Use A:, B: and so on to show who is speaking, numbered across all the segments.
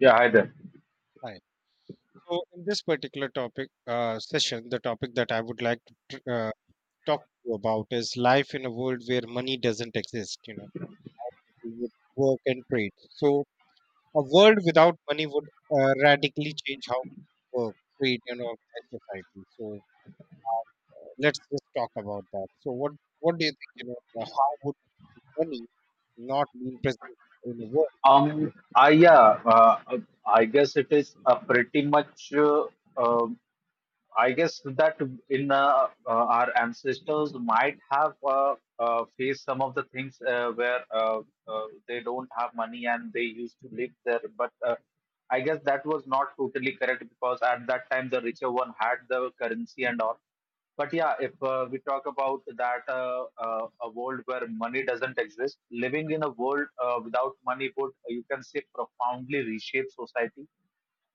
A: Yeah, hi there.
B: Hi. So, in this particular topic session, the topic that I would like to talk to you about is life in a world where money doesn't exist. You know, how people would work and trade. So, a world without money would radically change how we work, trade, and organize society. So, uh, let's just talk about that. So, what do you think? You know, how would money not being present in a world?
A: Um, I yeah, uh, I guess it is pretty much. uh, I guess that in our ancestors might have faced some of the things where they don't have money and they used to live there. But I guess that was not totally correct because at that time the richer one had the currency and all. But yeah, if we talk about that a world where money doesn't exist, living in a world without money would, you can say, profoundly reshape society,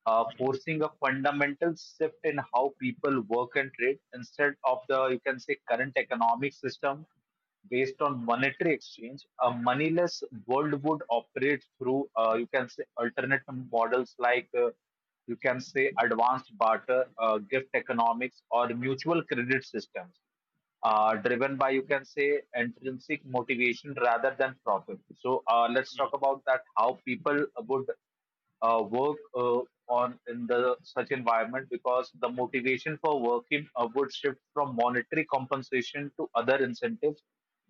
A: forcing a fundamental shift in how people work and trade. Instead of the you can say current economic system based on monetary exchange, a moneyless world would operate through you can say alternate models like you can say advanced barter, gift economics or mutual credit systems, driven by you can say intrinsic motivation rather than profit. So let's talk about that, how people would work on in the such environment, because the motivation for working would shift from monetary compensation to other incentives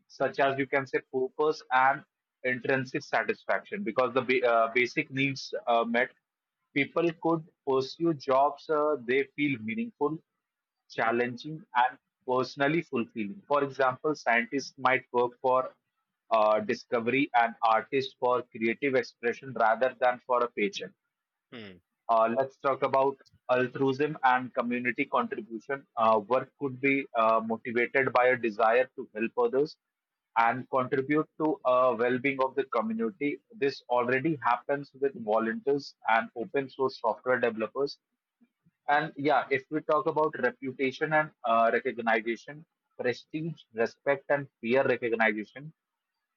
A: such
B: Mm,
A: as you can say purpose and intrinsic satisfaction. Because the basic needs met, people could pursue jobs they feel meaningful,
B: mm,
A: challenging, and personally fulfilling. For example, scientists might work for discovery and artists for creative expression rather than for a paycheck.
B: mm,
A: Let's talk about altruism and community contribution. Work could be motivated by a desire to help others and contribute to a well-being of the community. This already happens with volunteers and open source software developers. And yeah, if we talk about reputation and recognition, prestige, respect, and peer recognition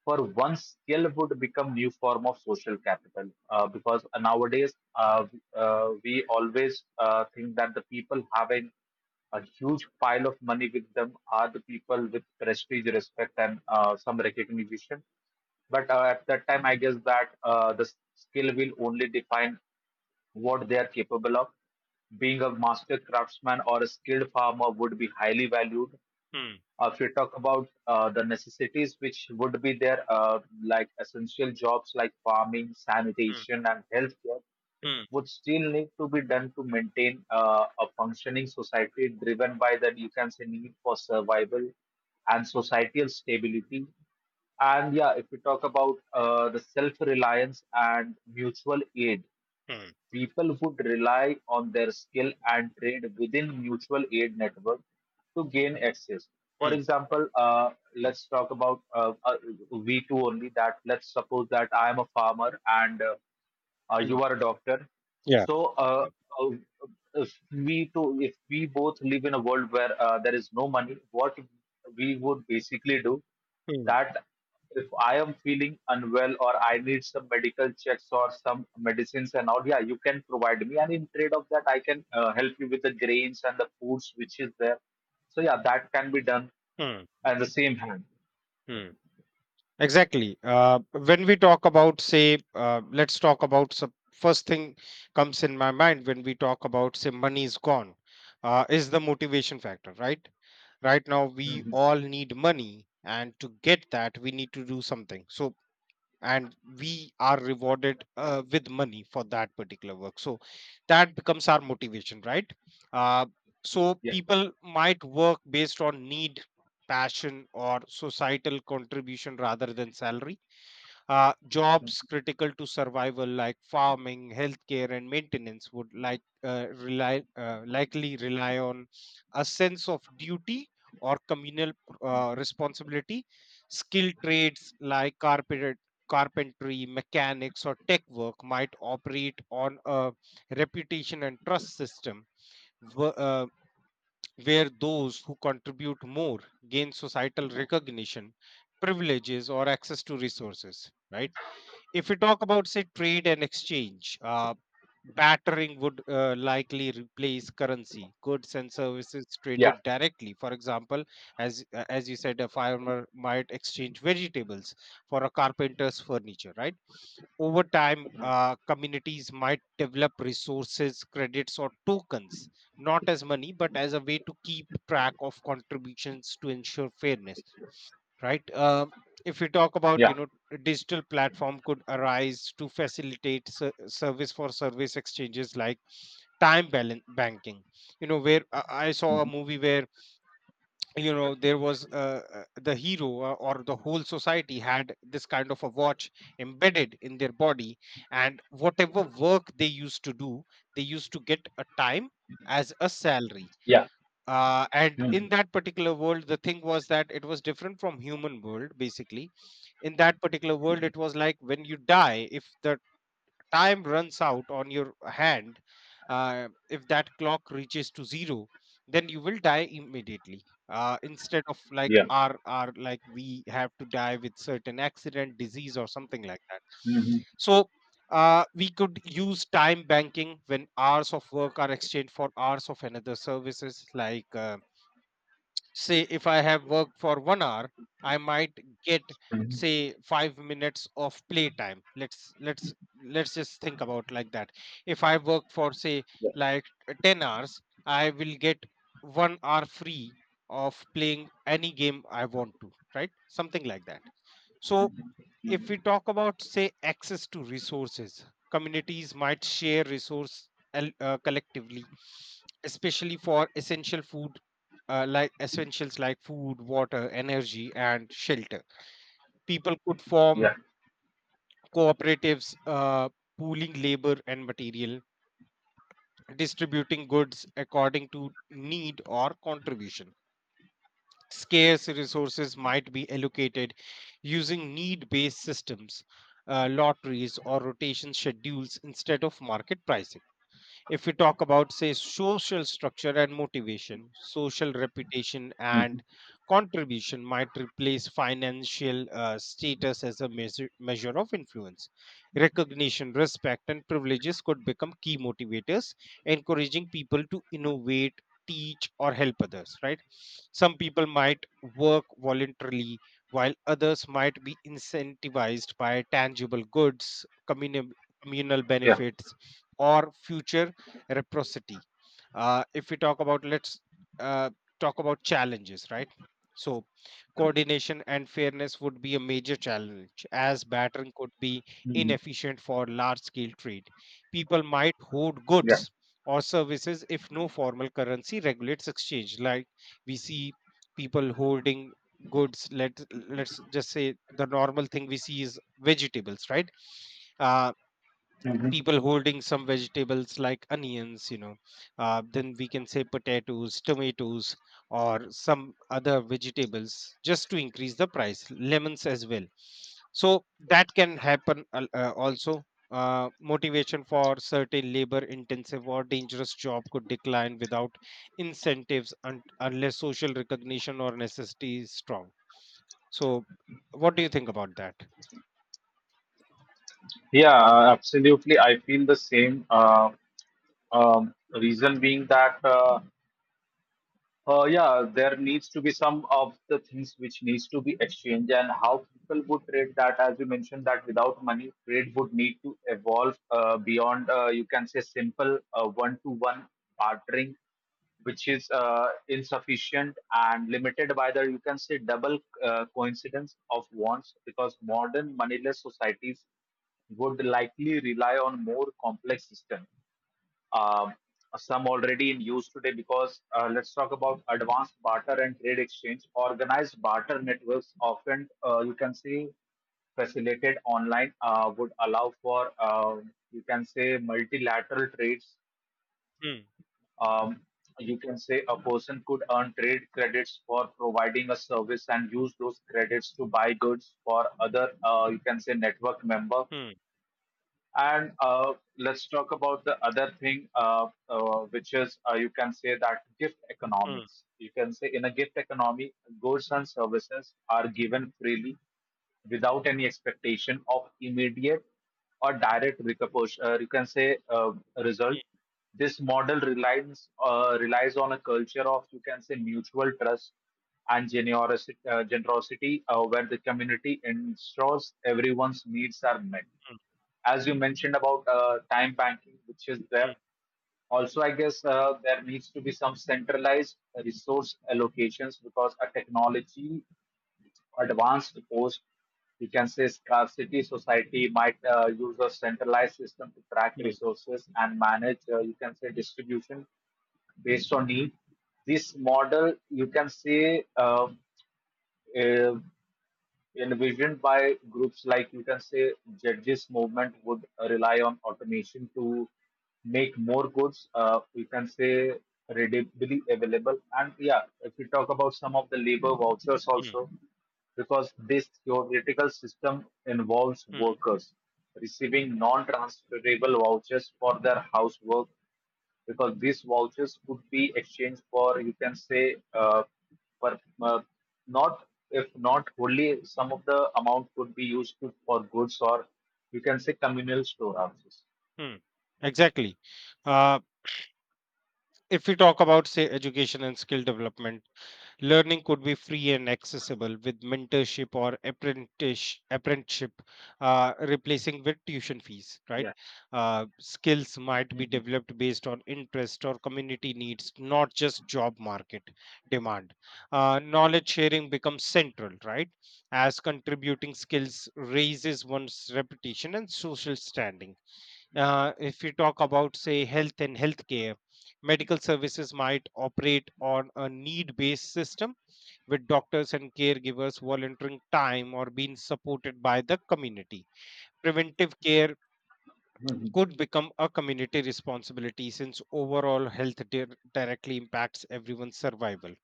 A: for one skill would become new form of social capital. Because nowadays we always think that the people having a huge pile of money with them are the people with prestige, respect, and some recognition. But at that time, I guess that the skill will only define what they are capable of. Being a master craftsman or a skilled farmer would be highly valued.
B: mm, mm, mm,
A: If you talk about the necessities which would be there, like essential jobs like farming,
B: mm,
A: sanitation, and healthcare,
B: mm,
A: would still need to be done to maintain a functioning society driven by that you can say need for survival and societal stability. And yeah, if we talk about the self reliance and mutual aid,
B: mm,
A: people would rely on their skill and trade within mutual aid network to gain access. For
B: mm,
A: example, let's talk about V2 only. That let's suppose that I am a farmer and
B: mm.
A: you are a doctor.
B: Yeah.
A: So, uh, if we to if we both live in a world where there is no money, what we would basically do?
B: Hmm.
A: That if I am feeling unwell or I need some medical checks or some medicines and all, yeah, you can provide me. And in trade of that, I can help you with the grains and the foods which is there. So yeah, that can be done
B: Hmm.
A: at the same hand.
B: Hmm. Exactly. When we talk about, say, let's talk about some first thing comes in my mind when we talk about, say, money is gone, is the motivation factor, right? Right now, we
A: Hmm.
B: all need money, and to get that, we need to do something. So, and we are rewarded with money for that particular work, so that becomes our motivation, right? uh, so people might work based on need, passion, or societal contribution rather than salary. Uh, jobs critical to survival, like farming, healthcare, and maintenance, would likely rely on a sense of duty or communal responsibility. Skilled trades like carpentry, mechanics, or tech work might operate on a reputation and trust system. wh- uh, where those who contribute more gain societal recognition, privileges, or access to resources, right? If we talk about, say, trade and exchange, battering would likely replace currency. Goods and services
A: Yeah,
B: traded directly. For example, as you said, a farmer might exchange vegetables for a carpenter's furniture, right? Over time,
A: mhm.
B: communities might develop resources, credits, or tokens, not as money, but as a way to keep track of contributions to ensure fairness, right? If we talk about, you
A: Yeah,
B: know, a digital platform could arise to facilitate service for service exchanges like time balance banking. You know, where I saw a
A: mhm.
B: movie where you know there was the hero or the whole society had this kind of a watch embedded in their body, and whatever work they used to do, they used to get a time as a salary.
A: Yeah,
B: And in
A: mhm.
B: that particular world, the thing was that it was different from human world, basically. In that particular world it was like, when you die, if the time runs out on your hand, if that clock reaches to zero, then you will die immediately, instead of like
A: Yeah,
B: our like we have to die with certain accident, disease, or something like that.
A: mhm.
B: So, we could use time banking when hours of work are exchanged for hours of another services, like say if I have worked for 1 hour, I might get say 5 minutes of playtime. Let's let's just think about like that. If I work for say
A: Yeah,
B: 10 hours, I will get 1 hour free of playing any game I want to, right? Something like that. So,
A: mhm.
B: if
A: Mhm.
B: we talk about say access to resources, communities might share collectively, especially for essential food, like essentials like food, water, energy, and shelter. People could
A: Yeah,
B: form cooperatives, pooling labor and material, distributing goods according to need or contribution. Scarce resources might be allocated using need based systems, lotteries, or rotation schedules instead of market pricing. If we talk about say social structure and motivation, social reputation
A: mhm.
B: and contribution might replace financial status as a measure of influence. Recognition, respect, and privileges could become key motivators, encouraging people to innovate, teach, or help others, right? Some people might work voluntarily, while others might be incentivized by tangible goods, communal
A: Yeah,
B: benefits, or future reciprocity. If we talk about, let's uh, talk about challenges, right? So, coordination and fairness would be a major challenge, as battering could be
A: mhm. Yeah, mhm.
B: inefficient for large scale trade. People might hoard
A: Yeah.
B: goods or services if no formal currency regulates exchange, like we see people holding goods. Let let's just say the normal thing we see is vegetables, right? Uh,
A: Mhm.
B: people holding some vegetables like onions, you know, then we can say potatoes, tomatoes, or some other vegetables just to increase the price, lemons as well. So that can happen also. Motivation for certain labor intensive or dangerous job could decline without incentives, unless social recognition or necessity is strong. So, what do you think about that?
A: Yeah, absolutely. I feel the same. Reason being that yeah, there needs to be some of the things which needs to be exchanged, and how people would trade that, as you mentioned, that without money, trade would need to evolve beyond you can say simple one to one bartering, which is insufficient and limited by the you can say double coincidence of wants, because modern moneyless societies would likely rely on more complex systems, um, some already in use today. Because let's talk about advanced barter and trade exchange. Organized barter networks often you can see facilitated online would allow for you can say multilateral trades.
B: Hmm,
A: Um, you can say a person could earn trade credits for providing a service and use those credits to buy goods for other you can say network member.
B: hmm,
A: And let's talk about the other thing, which is you can say that gift
B: hmm,
A: economics. You can say in a gift economy, goods and services are given freely without any expectation of immediate or direct repercussion. You can say result.
B: hmm,
A: This model relies on a culture of you can say mutual trust and generosity, where the community ensures everyone's needs are met, as you mentioned about time banking, which is there.
B: hmm,
A: Also, I guess there needs to be some centralized resource allocations, because a technology advanced post, you can say scarcity society might use a centralized system to track
B: hmm,
A: resources and manage, you can say distribution based on need. This model, you can say, uh, envisioned by groups like you can say judges movement, would rely on automation to make more goods you can say readily available. And yeah, if we talk about some of the labor vouchers
B: hmm,
A: also, because this theoretical system involves
B: Hmm,
A: workers receiving non-transferable vouchers for their housework, because these vouchers could be exchanged for you can say per, uh, not if not wholly some of the amount could be used to, for goods or you can say communal storehouses.
B: hmm. Exactly. Uh, if we talk about, say, education and skill development, learning could be free and accessible with mentorship or apprenticeship, replacing with tuition fees, right?
A: Yeah.
B: Skills might be
A: Mhm.
B: developed based on interest or community needs, not just job market demand. Knowledge sharing becomes central, right? As contributing skills raises one's reputation and social standing. If you talk about, say, health and healthcare, medical services might operate on a need based system, with doctors and caregivers volunteering time or being supported by the community. Preventive care
A: Mhm.
B: could become a community responsibility, since overall health directly impacts everyone's survival,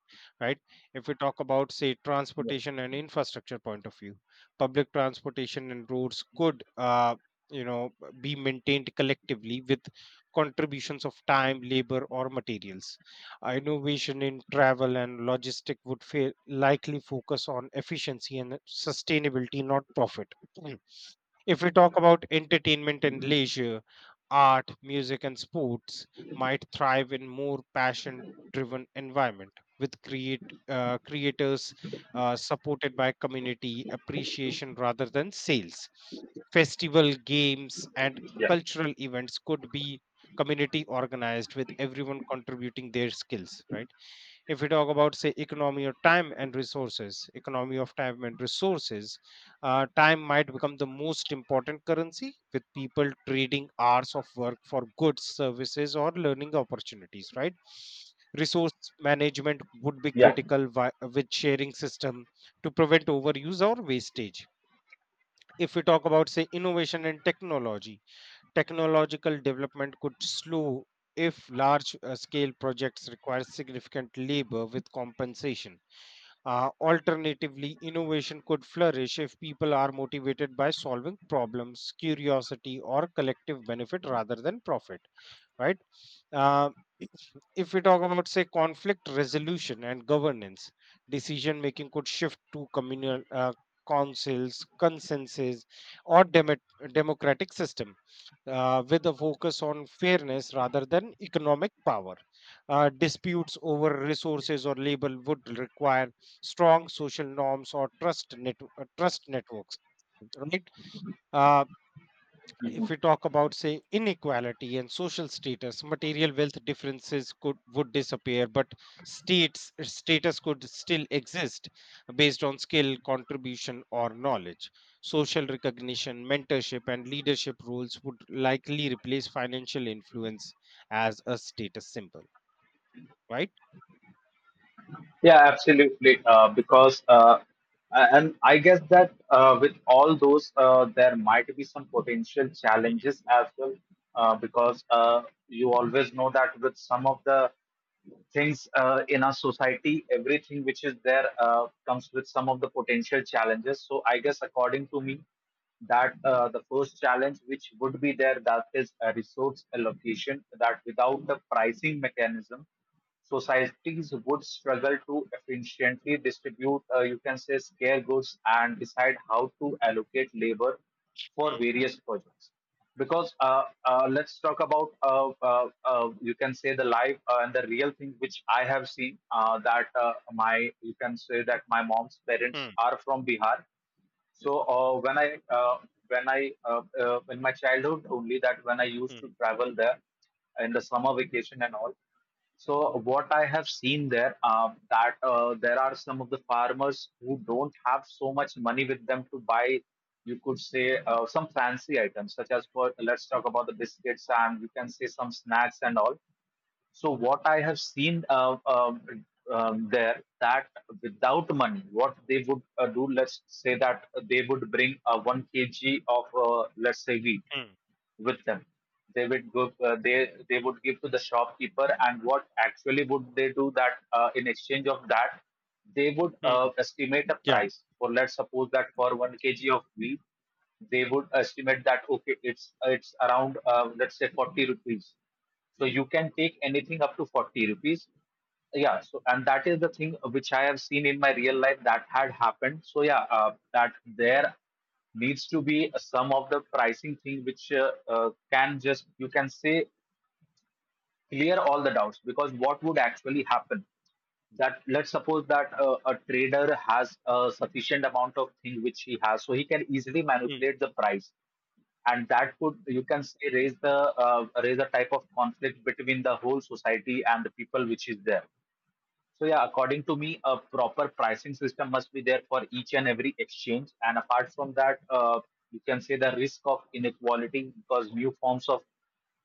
B: right? If we talk about say
A: Yeah.
B: transportation and infrastructure point of view, public transportation and roads could you know be maintained collectively, with contributions of time, labor, or materials. Innovation in travel and logistic would likely focus on efficiency and sustainability, not profit. Mm. If we talk about entertainment and leisure, art, music, and sports might thrive in more passion driven environment, with create creators supported by community appreciation rather than sales. Festival, games, and
A: Yeah.
B: cultural events could be community organized, with everyone contributing their skills, right? If we talk about say economy of time and resources, time might become the most important currency, with people trading hours of work for goods, services, or learning opportunities, right? Resource management would be
A: Yeah.
B: critical, with sharing system to prevent overuse or wastage. If we talk about say innovation and technology, technological development could slow if large scale projects require significant labor with compensation. Alternatively, innovation could flourish if people are motivated by solving problems, curiosity, or collective benefit rather than profit, right? Uh, if we talk about, say, conflict resolution and governance, decision making could shift to communal councils, consensus, or democratic system, with a focus on fairness rather than economic power. Disputes over resources or labor would require strong social norms or trust networks. Right? Uh,
A: Mhm.
B: if we talk about say inequality and social status, material wealth differences could would disappear, but states status could still exist based on skill, contribution, or knowledge. Social recognition, mentorship, and leadership roles would likely replace financial influence as a status symbol, right?
A: Yeah, absolutely. Because and I guess that with all those, there might be some potential
B: Mm,
A: challenges as well. Because you always know that with some of the things in our society, everything which is there comes with some of the potential challenges. So I guess according to me, that the first challenge which would be there, that is a resource allocation, that without the pricing mechanism, societies would struggle to efficiently distribute, you can say, scare goods and decide how to
B: mm,
A: allocate labor for various projects. Because let's talk about, you can say, the life and the real thing which I have seen that my, you can say, that my mom's parents
B: mm,
A: are from Bihar. So when I in my childhood only, that when I used
B: mm, mm,
A: to travel there in the summer vacation and all. So what I have seen there that there are some of the farmers who don't have so much money with them to buy, you could say some fancy items such as for let's talk about the biscuits and you can say some snacks and all. So what I have seen there, that without money, what they would do, let's say that they would bring one kg of let's say wheat
B: mm,
A: with them. They would go. They would give to the shopkeeper, and what actually would they do, that in exchange of that, they would
B: mm.
A: estimate a
B: Yeah.
A: price. For let's suppose that for one kg of wheat, they would estimate that okay, it's around let's say 40 rupees. So you can take anything up to 40 rupees. Yeah. So and that is the thing which I have seen in my real life that had happened. So yeah, that there needs to be a sum of the pricing thing which can just you can say clear all the doubts. Because what would actually happen, that let's suppose that a trader has a sufficient amount of thing which he has, so he can easily
B: mm,
A: manipulate the price, and that could you can say raise a type of conflict between the whole society and the people which is there. So yeah, according to me, a proper pricing system must be there for each and every exchange. And apart from that, you can say the risk of inequality, because new forms of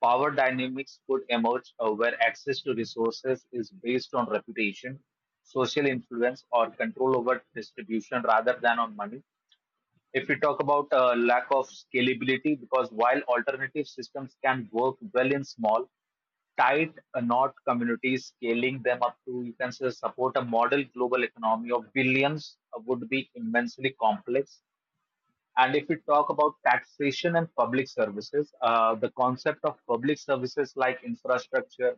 A: power dynamics could emerge where access to resources is based on reputation, social influence, or control over distribution rather than on money. If we talk about lack of scalability, because while alternative systems can work well in small, tight knot communities, scaling them up to, you can say, support a model global economy of billions would be immensely complex. And if we talk about taxation and public services, the concept of public services like infrastructure,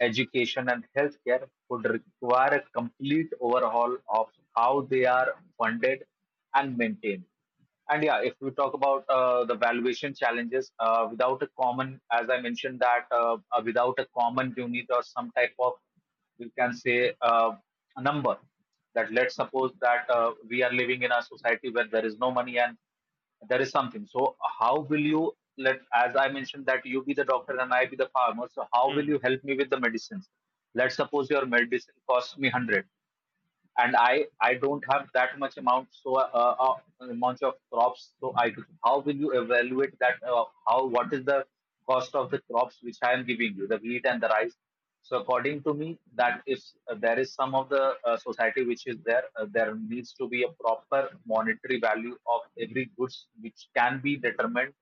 A: education, and healthcare would require a complete overhaul of how they are funded and maintained. And yeah, if we talk about the valuation challenges, without a common, as I mentioned, that without a common unit or some type of, we can say a number, that let's suppose that we are living in a society where there is no money and there is something. So how will you, let as I mentioned that you be the doctor and I be the farmer, so how will
B: mm.
A: you help me with the medicines? Let's suppose your medicine costs me 100, and I don't have that much amount, so amount of crops. So I, how will you evaluate that? How, what is the cost of the crops which I am giving you, the wheat and the rice? So according to me, that if there is some of the society which is there, there needs to be a proper monetary value of every goods which can be determined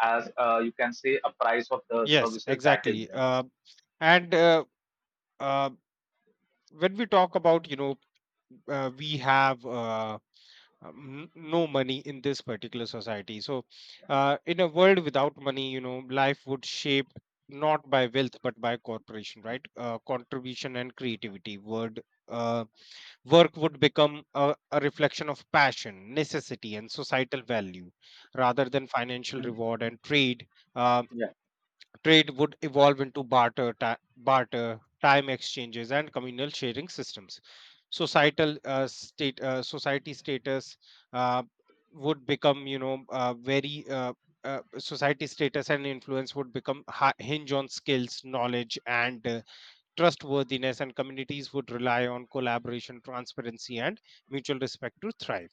A: as you can say a price of the
B: Yes,
A: services that is
B: exactly.
A: there.
B: And uh, when we talk about, you know, we have no money in this particular society. So, in a world without money, you know, life would shape not by wealth but by corporation, right? Contribution and creativity. Word. Uh, work would become a reflection of passion, necessity, and societal value rather than financial reward and trade. Um, Trade would evolve into barter, time exchanges, and communal sharing systems. Society status uh, would become, you know, very society status and influence would become hinge on skills, knowledge, and trustworthiness, and communities would rely on collaboration, transparency, and mutual respect to thrive.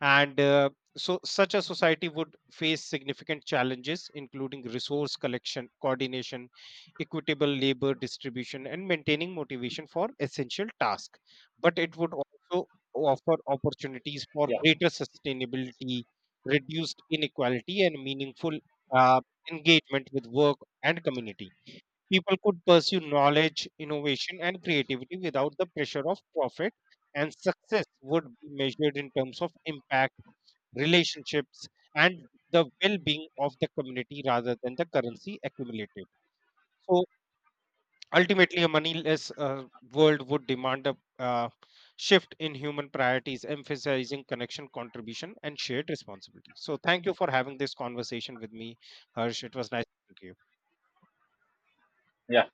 B: And So, such a society would face significant challenges, including resource collection, coordination, equitable labor distribution, and maintaining motivation for essential tasks. But it would also offer opportunities for
A: Yeah,
B: greater sustainability, reduced inequality, and meaningful uh, engagement with work and community. People could pursue knowledge, innovation, and creativity without the pressure of profit, and success would be measured in terms of impact, relationships, and the well being of the community rather than the currency accumulated. So, ultimately, a moneyless world would demand a uh, shift in human priorities, emphasizing connection, contribution, and shared responsibility. So, thank you for having this conversation with me, Harsh. It was nice. Thank you.
A: yeah.